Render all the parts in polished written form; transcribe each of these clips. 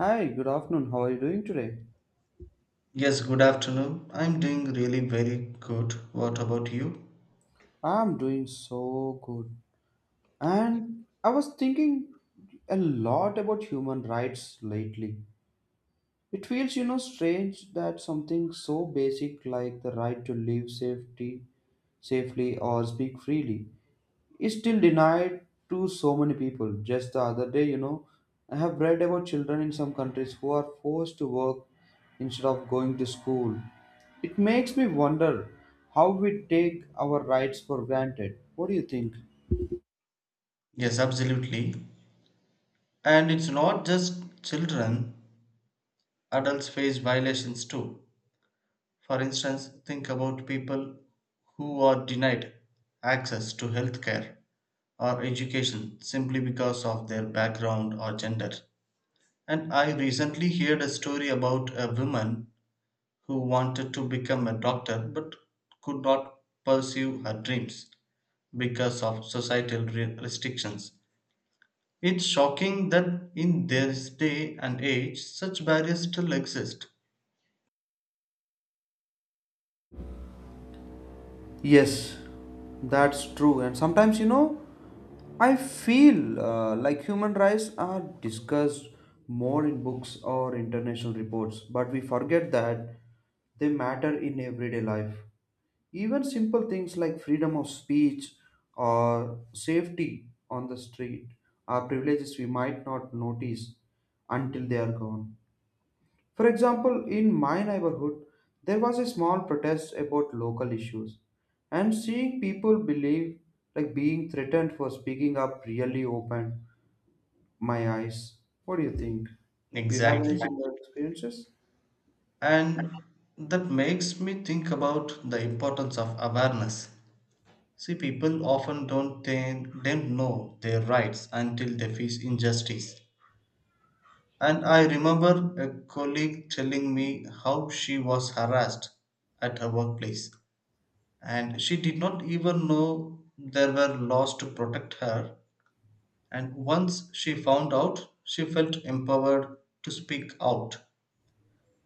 Hi, good afternoon. How are you doing today? Yes, good afternoon. I'm doing really very good. What about you? I'm doing so good. And I was thinking a lot about human rights lately. It feels, you know, strange that something so basic like the right to live safety, safely or speak freely is still denied to so many people. Just the other day, you know, I have read about children in some countries who are forced to work instead of going to school. It makes me wonder how we take our rights for granted. What do you think? Yes, absolutely. And it's not just children, adults face violations too. For instance, think about people who are denied access to healthcare or education simply because of their background or gender. And I recently heard a story about a woman who wanted to become a doctor but could not pursue her dreams because of societal restrictions. It's shocking that in this day and age such barriers still exist. Yes, that's true. And sometimes, you know, I feel like human rights are discussed more in books or international reports, but we forget that they matter in everyday life. Even simple things like freedom of speech or safety on the street are privileges we might not notice until they are gone. For example, in my neighborhood, there was a small protest about local issues, and seeing people believe like being threatened for speaking up really opened my eyes. What do you think? You have any Exactly. Exactly. similar experiences? And that makes me think about the importance of awareness. See, people often don't know their rights until they face injustice. And I remember a colleague telling me how she was harassed at her workplace. And she did not even know there were laws to protect her. And once she found out, she felt empowered to speak out.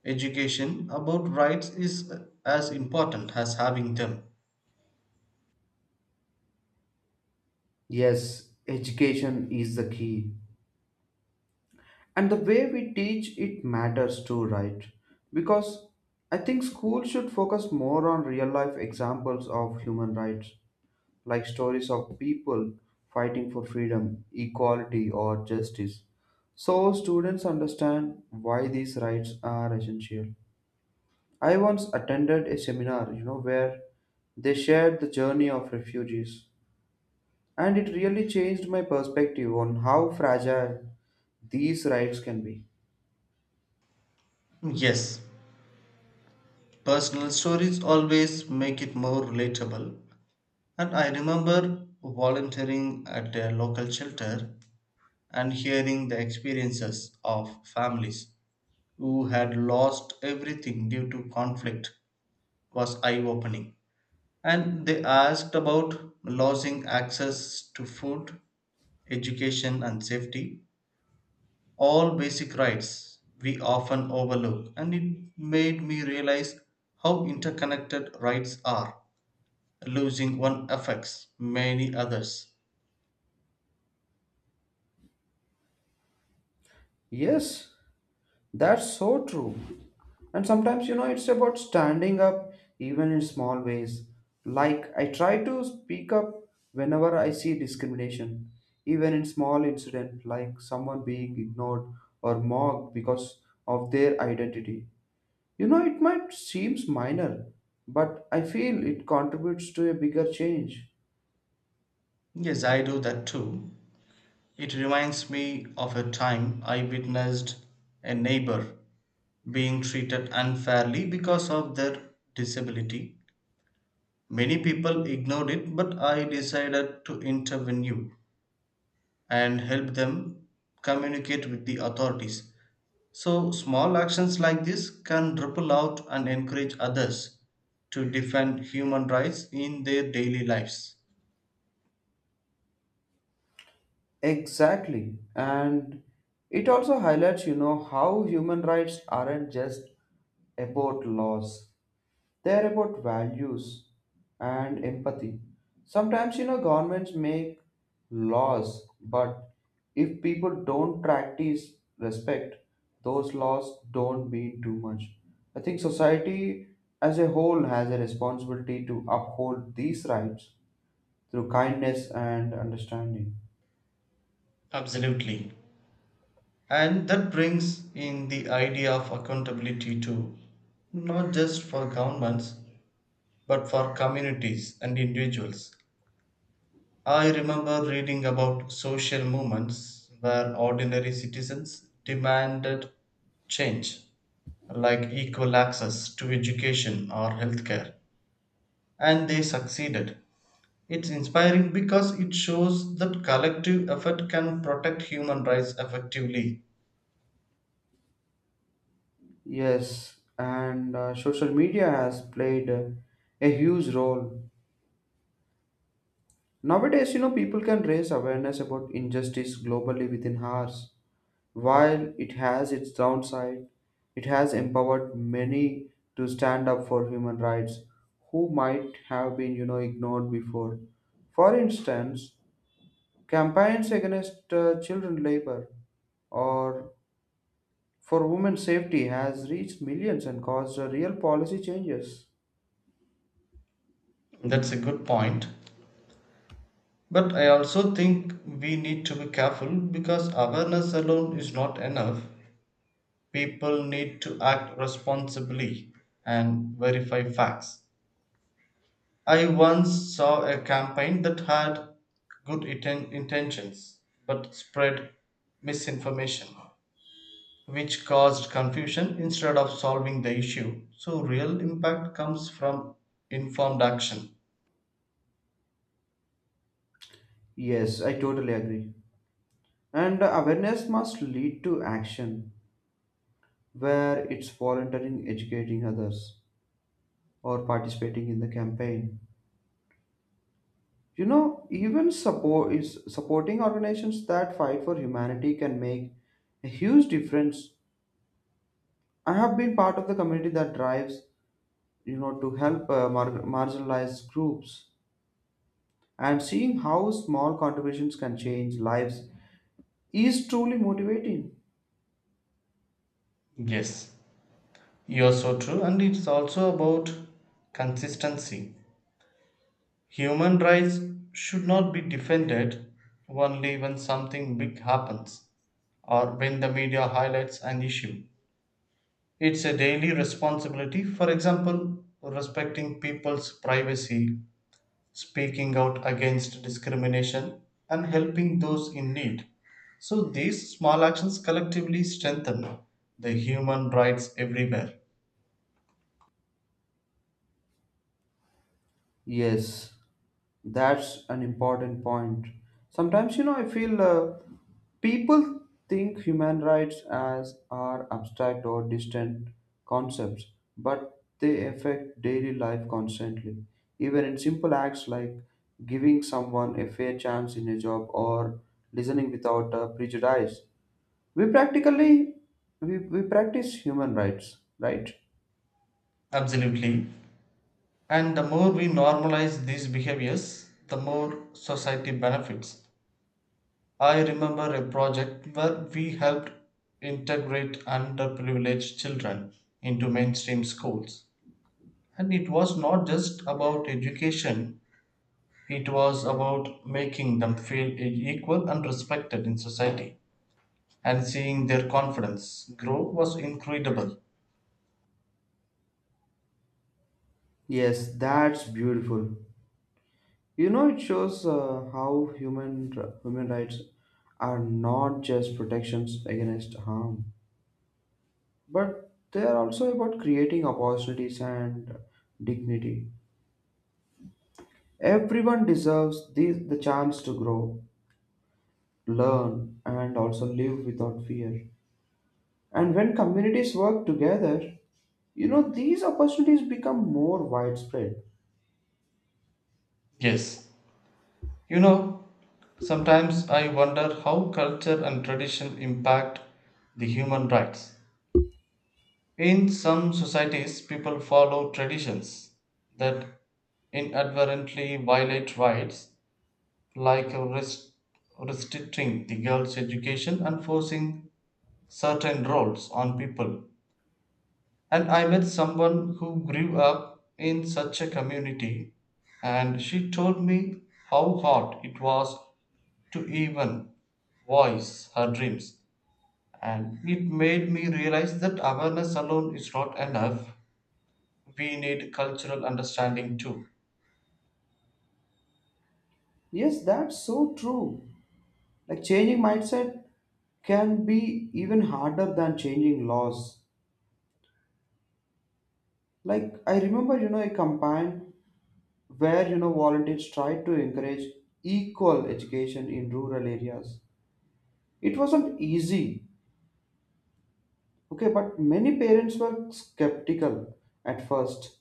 Education about rights is as important as having them. Yes, education is the key. And the way we teach it matters too, right? Because I think schools should focus more on real life examples of human rights, like stories of people fighting for freedom, equality or justice, so students understand why these rights are essential. I once attended a seminar, you know, where they shared the journey of refugees, and it really changed my perspective on how fragile these rights can be. Yes, personal stories always make it more relatable. And I remember volunteering at a local shelter and hearing the experiences of families who had lost everything due to conflict was eye opening. And they asked about losing access to food, education, and safety, all basic rights we often overlook. And it made me realize how interconnected rights are. Losing one affects many others. Yes, that's so true. And sometimes, you know, it's about standing up even in small ways. Like, I try to speak up whenever I see discrimination, even in small incident like someone being ignored or mocked because of their identity. You know, it might seems minor, but I feel it contributes to a bigger change. Yes, I do that too. It reminds me of a time I witnessed a neighbor being treated unfairly because of their disability. Many people ignored it, but I decided to intervene and help them communicate with the authorities. So, small actions like this can ripple out and encourage others to defend human rights in their daily lives. Exactly. And it also highlights, you know, how human rights aren't just about laws. They're about values and empathy. Sometimes, you know, governments make laws, but if people don't practice respect, those laws don't mean too much. I think society as a whole has a responsibility to uphold these rights through kindness and understanding. Absolutely. And that brings in the idea of accountability too, not just for governments, but for communities and individuals. I remember reading about social movements where ordinary citizens demanded change, like equal access to education or healthcare, and they succeeded. It's inspiring because it shows that collective effort can protect human rights effectively. Yes, and social media has played a huge role. Nowadays, you know, people can raise awareness about injustice globally within hours. While it has its downside, it has empowered many to stand up for human rights who might have been, you know, ignored before. For instance, campaigns against children labor or for women's safety has reached millions and caused real policy changes. That's a good point. But I also think we need to be careful because awareness alone is not enough. People need to act responsibly and verify facts. I once saw a campaign that had good intentions but spread misinformation, which caused confusion instead of solving the issue. So, real impact comes from informed action. Yes, I totally agree. And awareness must lead to action where it's volunteering, educating others, or participating in the campaign. You know, even support is supporting organizations that fight for humanity can make a huge difference. I have been part of the community that drives, you know, to help marginalized groups, and seeing how small contributions can change lives is truly motivating. Yes, you're so true, and it's also about consistency. Human rights should not be defended only when something big happens or when the media highlights an issue. It's a daily responsibility, for example, respecting people's privacy, speaking out against discrimination, and helping those in need. So these small actions collectively strengthen the human rights everywhere. Yes, that's an important point. Sometimes, you know, I feel people think human rights as are abstract or distant concepts, but they affect daily life constantly. Even in simple acts like giving someone a fair chance in a job or listening without prejudice, we practically we practice human rights, right? Absolutely. And the more we normalize these behaviors, the more society benefits. I remember a project where we helped integrate underprivileged children into mainstream schools. And it was not just about education, it was about making them feel equal and respected in society. And seeing their confidence grow was incredible. Yes, that's beautiful. You know, it shows how human rights are not just protections against harm, but they are also about creating opportunities and dignity. Everyone deserves these, the chance to grow, learn, and also live without fear. And when communities work together, you know, these opportunities become more widespread. Yes. You know, sometimes I wonder how culture and tradition impact the human rights. In some societies, people follow traditions that inadvertently violate rights, like restricting the girls' education and forcing certain roles on people. And I met someone who grew up in such a community, and she told me how hard it was to even voice her dreams. And it made me realize that awareness alone is not enough, we need cultural understanding too. Yes, that's so true. Like changing mindset can be even harder than changing laws. Like I remember, you know, a campaign where, you know, volunteers tried to encourage equal education in rural areas. It wasn't easy, okay, but many parents were skeptical at first.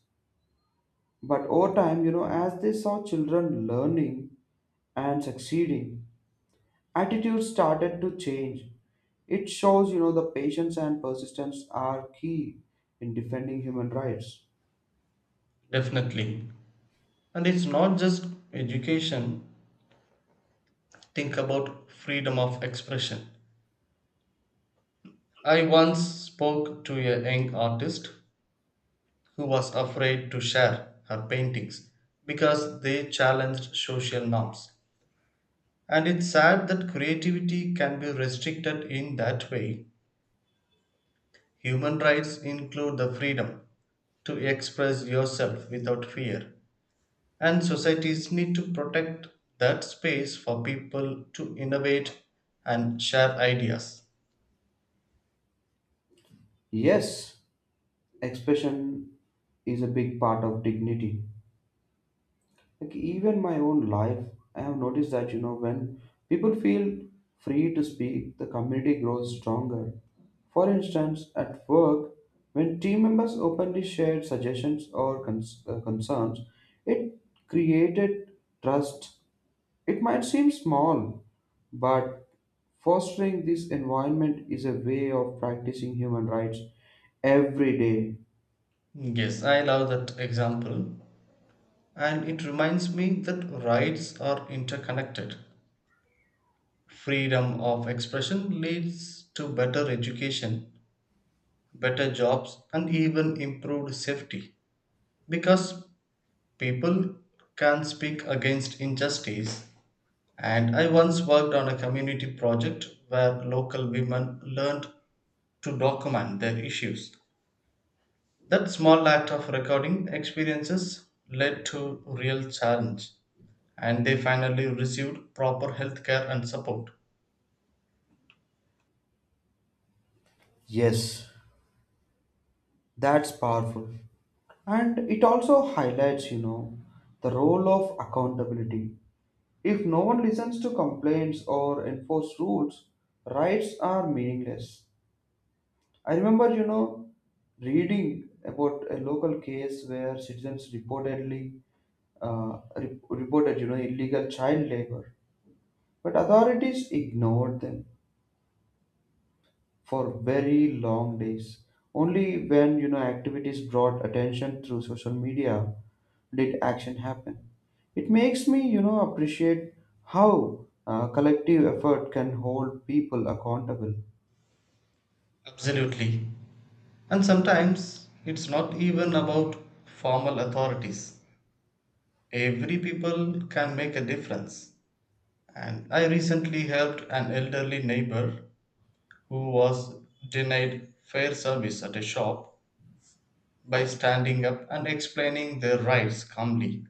But over time, you know, as they saw children learning and succeeding, attitudes started to change. It shows, you know, the patience and persistence are key in defending human rights. Definitely. And it's not just education. Think about freedom of expression. I once spoke to a young artist who was afraid to share her paintings because they challenged social norms. And it's sad that creativity can be restricted in that way. Human rights include the freedom to express yourself without fear. And societies need to protect that space for people to innovate and share ideas. Yes, expression is a big part of dignity. Like even my own life, I have noticed that, you know, when people feel free to speak, the community grows stronger. For instance, at work, when team members openly shared suggestions or concerns, it created trust. It might seem small, but fostering this environment is a way of practicing human rights every day. Yes, I love that example. And it reminds me that rights are interconnected. Freedom of expression leads to better education, better jobs, and even improved safety. Because people can speak against injustice. And I once worked on a community project where local women learned to document their issues. That small act of recording experiences led to real challenge and they finally received proper health care and support. Yes, that's powerful. And it also highlights, you know, the role of accountability. If no one listens to complaints or enforce rules, rights are meaningless. I remember, you know, reading about a local case where citizens reportedly reported, you know, illegal child labor, but authorities ignored them for very long days. Only when, you know, activities brought attention through social media did action happen? It makes me, you know, appreciate how collective effort can hold people accountable. Absolutely. And sometimes it's not even about formal authorities. Every people can make a difference. And I recently helped an elderly neighbor who was denied fair service at a shop by standing up and explaining their rights calmly.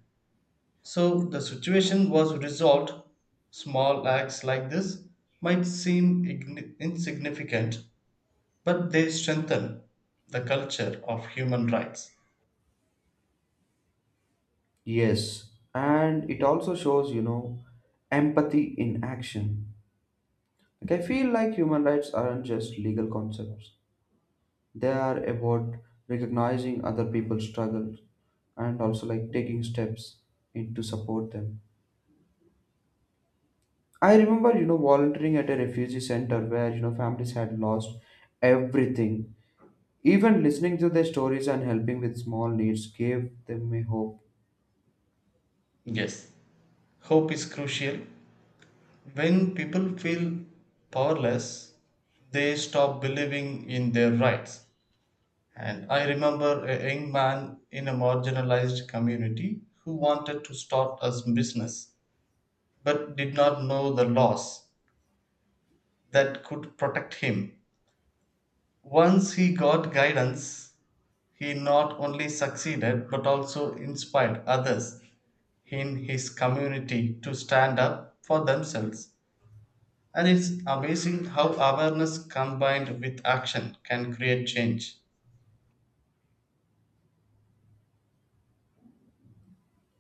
So the situation was resolved. Small acts like this might seem insignificant, but they strengthen the culture of human rights. Yes, and it also shows, you know, empathy in action. Like I feel like human rights aren't just legal concepts. They are about recognizing other people's struggles and also like taking steps in to support them. I remember, you know, volunteering at a refugee center where, you know, families had lost everything. Even listening to their stories and helping with small needs gave them a hope. Yes, hope is crucial. When people feel powerless, they stop believing in their rights. And I remember a young man in a marginalized community who wanted to start a business but did not know the laws that could protect him. Once he got guidance, he not only succeeded but also inspired others in his community to stand up for themselves. And it's amazing how awareness combined with action can create change.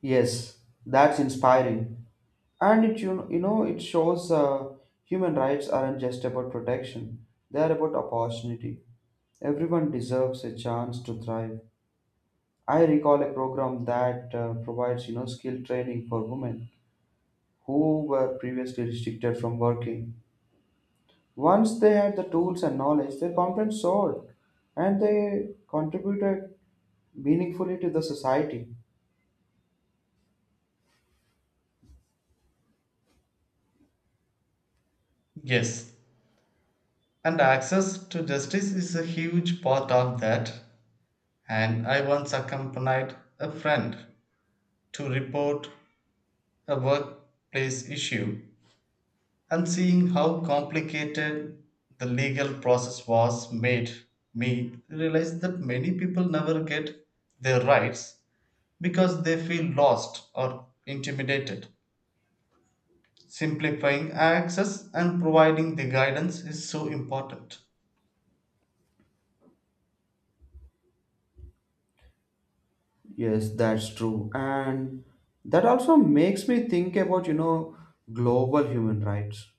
Yes, that's inspiring. And it, you know, it shows human rights aren't just about protection; they are about opportunity. Everyone deserves a chance to thrive. I recall a program that provides, you know, skill training for women who were previously restricted from working. Once they had the tools and knowledge, their confidence soared, and they contributed meaningfully to the society. Yes, and access to justice is a huge part of that. And I once accompanied a friend to report a workplace issue, and seeing how complicated the legal process was made me realize that many people never get their rights because they feel lost or intimidated. Simplifying access and providing the guidance is so important. Yes, that's true. And that also makes me think about, you know, global human rights.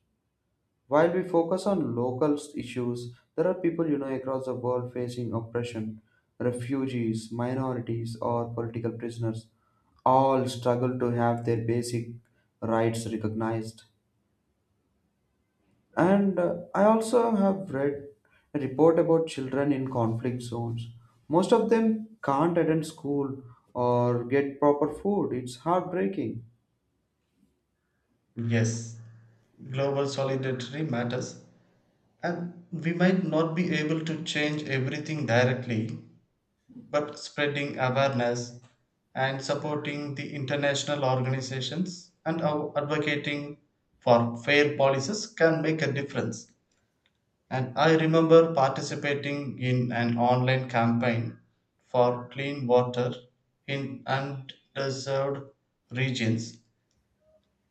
While we focus on local issues, there are people, you know, across the world facing oppression, refugees, minorities, or political prisoners all struggle to have their basic rights recognized. And I also have read a report about children in conflict zones. Most of them can't attend school or get proper food. It's heartbreaking. Yes, global solidarity matters, and we might not be able to change everything directly, but spreading awareness and supporting the international organizations and our advocating for fair policies can make a difference. And I remember participating in an online campaign for clean water in underserved regions.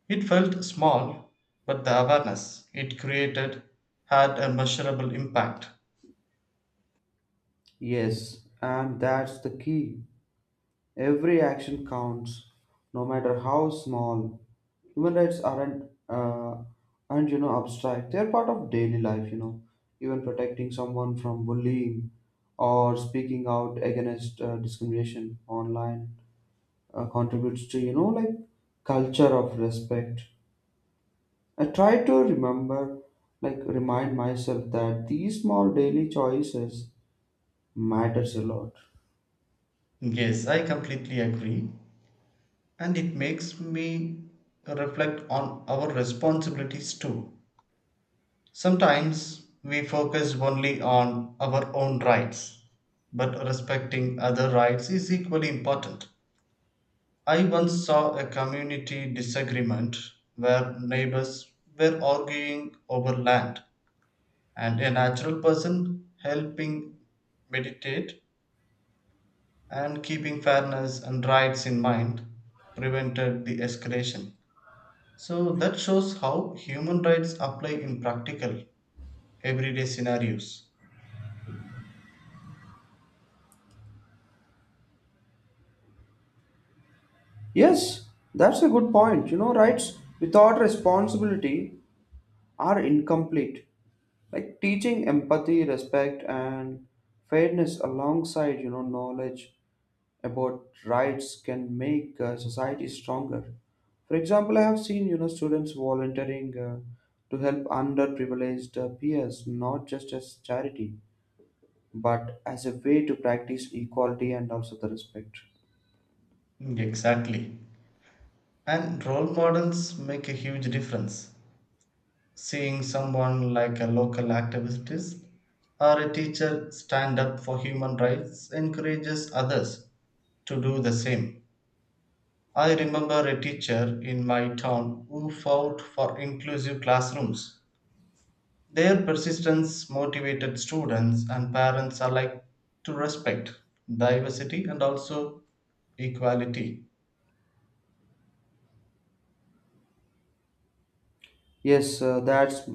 It felt small, but the awareness it created had a measurable impact. Yes, and that's the key. Every action counts, no matter how small. Human rights aren't, you know, abstract. They're part of daily life, you know. Even protecting someone from bullying or speaking out against discrimination online contributes to, you know, like culture of respect. I try to remember, like remind myself that these small daily choices matters a lot. Yes, I completely agree. And it makes me reflect on our responsibilities too. Sometimes we focus only on our own rights, but respecting other rights is equally important. I once saw a community disagreement where neighbors were arguing over land, and a natural person helping mediate and keeping fairness and rights in mind prevented the escalation. So that shows how human rights apply in practical, everyday scenarios. Yes, that's a good point. You know, rights without responsibility are incomplete. Like teaching empathy, respect and fairness alongside, you know, knowledge about rights can make society stronger. For example, I have seen, you know, students volunteering to help underprivileged peers, not just as charity, but as a way to practice equality and also the respect. Mm, exactly. And role models make a huge difference. Seeing someone like a local activist or a teacher stand up for human rights encourages others to do the same. I remember a teacher in my town who fought for inclusive classrooms. Their persistence motivated students and parents alike to respect diversity and also equality. Yes, uh, that's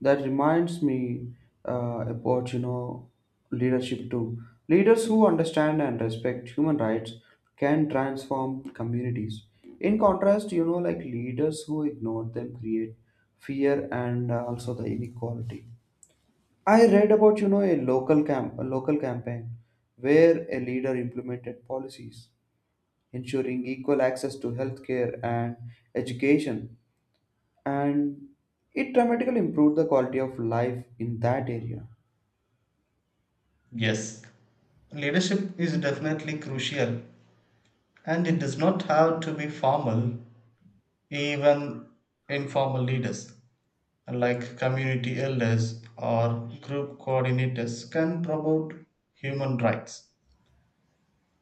that reminds me about, you know, leadership too. Leaders who understand and respect human rights can transform communities. In contrast, you know, like leaders who ignore them create fear and also the inequality. I read about, you know, a local campaign where a leader implemented policies ensuring equal access to healthcare and education, and it dramatically improved the quality of life in that area. Yes, leadership is definitely crucial and it does not have to be formal, even informal leaders like community elders or group coordinators can promote human rights.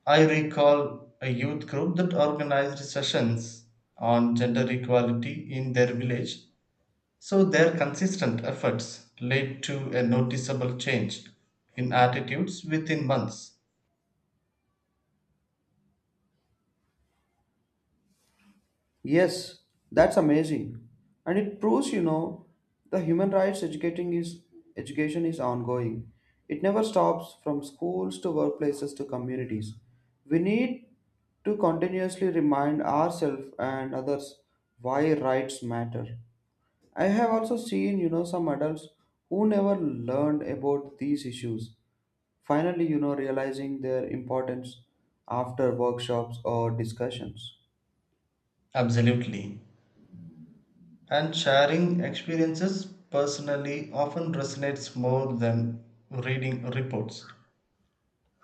I recall a youth group that organized sessions on gender equality in their village. So their consistent efforts led to a noticeable change in attitudes within months. Yes, that's amazing. And it proves, you know, the human rights educating is education is ongoing. It never stops from schools to workplaces to communities. We need to continuously remind ourselves and others why rights matter. I have also seen, you know, some adults who never learned about these issues finally, you know, realizing their importance after workshops or discussions. Absolutely. And sharing experiences personally often resonates more than reading reports.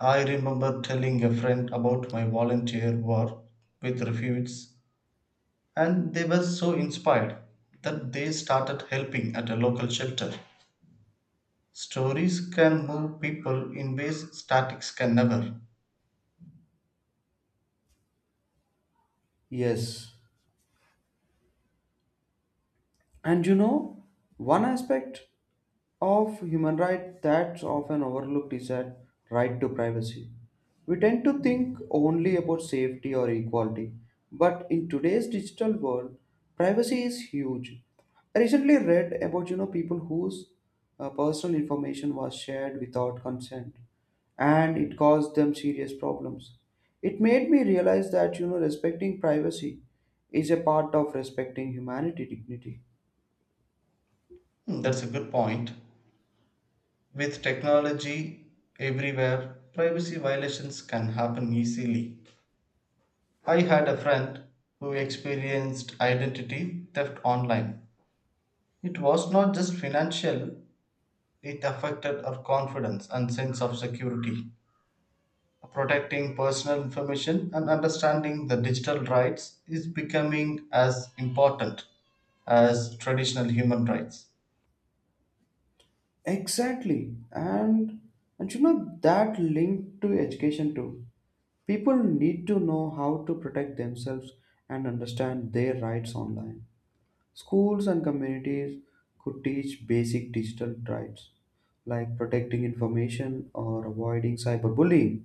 I remember telling a friend about my volunteer work with refugees, and they were so inspired that they started helping at a local shelter. Stories can move people in ways statics can never. Yes. And, you know, one aspect of human right that's often overlooked is that right to privacy. We tend to think only about safety or equality, but in today's digital world, privacy is huge. I recently read about, you know, people whose personal information was shared without consent, and it caused them serious problems. It made me realize that, you know, respecting privacy is a part of respecting humanity dignity. Hmm, that's a good point. With technology everywhere, privacy violations can happen easily. I had a friend who experienced identity theft online. It was not just financial, it affected her confidence and sense of security. Protecting personal information and understanding the digital rights is becoming as important as traditional human rights. Exactly, and, you know, that link to education too. People need to know how to protect themselves and understand their rights online. Schools and communities could teach basic digital rights like protecting information or avoiding cyberbullying.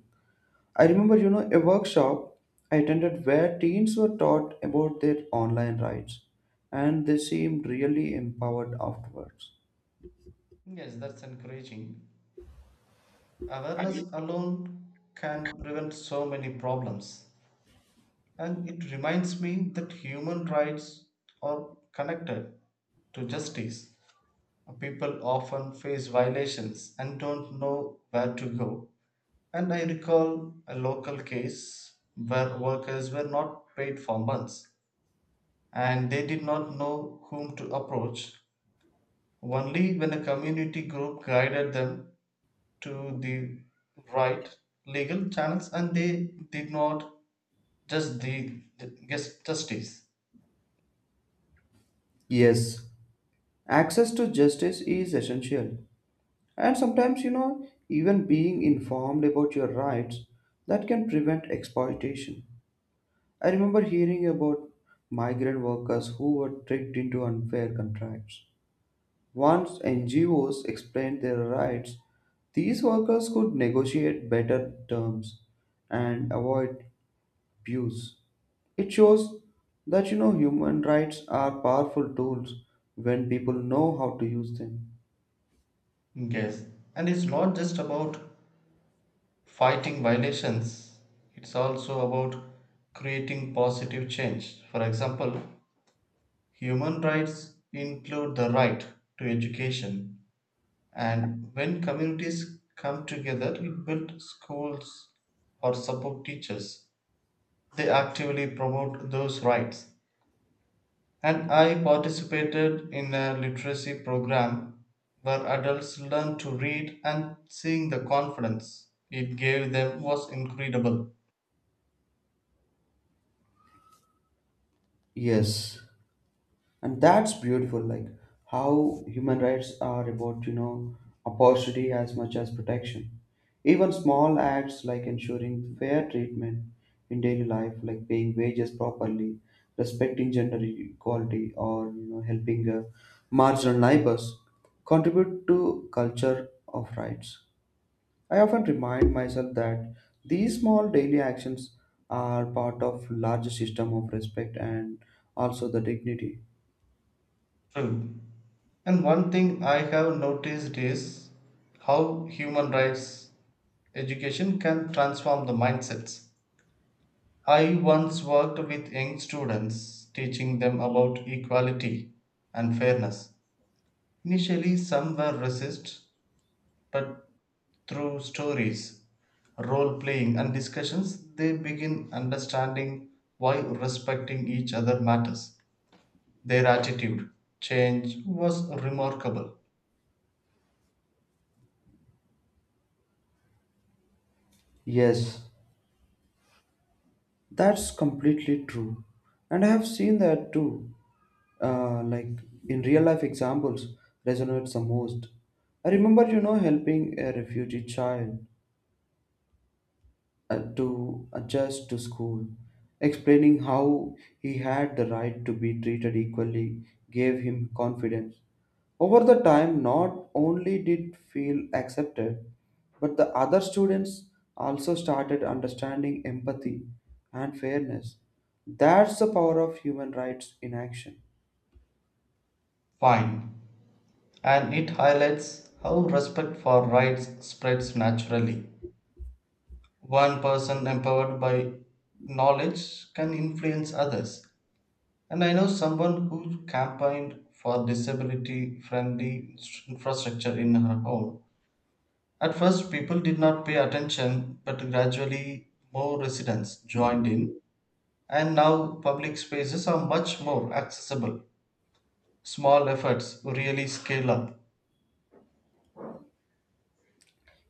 I remember, you know, a workshop I attended where teens were taught about their online rights and they seemed really empowered afterwards. Yes, that's encouraging. Awareness alone can prevent so many problems. And it reminds me that human rights are connected to justice. People often face violations and don't know where to go. And I recall a local case where workers were not paid for months and they did not know whom to approach. Only when a community group guided them to the right legal channels and they did not just the guess justice. Yes, access to justice is essential, and sometimes, you know, even being informed about your rights that can prevent exploitation. I remember hearing about migrant workers who were tricked into unfair contracts. Once NGOs explained their rights, these workers could negotiate better terms and avoid abuse. It shows that, you know, human rights are powerful tools when people know how to use them. Yes, and it's not just about fighting violations, it's also about creating positive change. For example, human rights include the right to education, and when communities come together to build schools or support teachers they actively promote those rights. And I participated in a literacy program where adults learned to read and seeing the confidence it gave them was incredible. Yes, and that's beautiful, like how human rights are about, you know, opportunity as much as protection. Even small acts like ensuring fair treatment in daily life, like paying wages properly, respecting gender equality or, you know, helping marginal neighbors contribute to culture of rights. I often remind myself that these small daily actions are part of larger system of respect and also the dignity. True. And one thing I have noticed is how human rights education can transform the mindsets. I once worked with young students teaching them about equality and fairness. Initially, some were resist, but through stories, role playing, and discussions, they begin understanding why respecting each other matters. Their attitude change was remarkable. Yes, that's completely true. And I have seen that too. Like in real life examples, resonates the most. I remember, you know, helping a refugee child to adjust to school, explaining how he had the right to be treated equally gave him confidence. Over the time, not only did feel accepted, but the other students also started understanding empathy and fairness. That's the power of human rights in action. Fine. And it highlights how respect for rights spreads naturally. One person empowered by knowledge can influence others. And I know someone who campaigned for disability friendly infrastructure in her home. At first, people did not pay attention, but gradually more residents joined in, and now public spaces are much more accessible. Small efforts really scale up.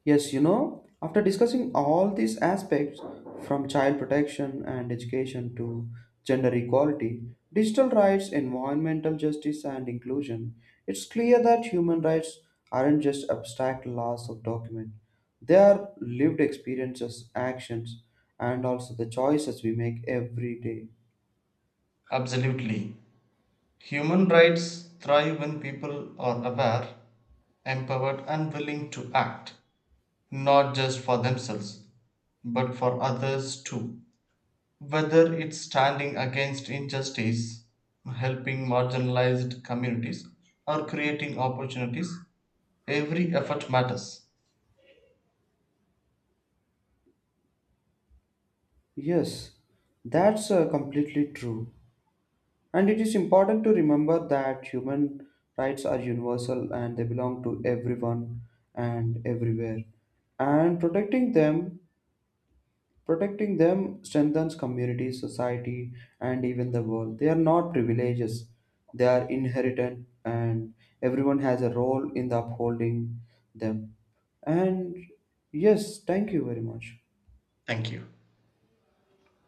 Yes, you know, after discussing all these aspects from child protection and education to gender equality, digital rights, environmental justice, and inclusion, it's clear that human rights aren't just abstract laws of document. They are lived experiences, actions, and also the choices we make every day. Absolutely. Human rights thrive when people are aware, empowered, and willing to act, not just for themselves, but for others too. Whether it's standing against injustice, helping marginalized communities, or creating opportunities, every effort matters. Yes, that's completely true. And it is important to remember that human rights are universal and they belong to everyone and everywhere. And protecting them strengthens communities, society, and even the world. They are not privileges; they are inherited, and everyone has a role in the upholding them. And yes, thank you very much. Thank you.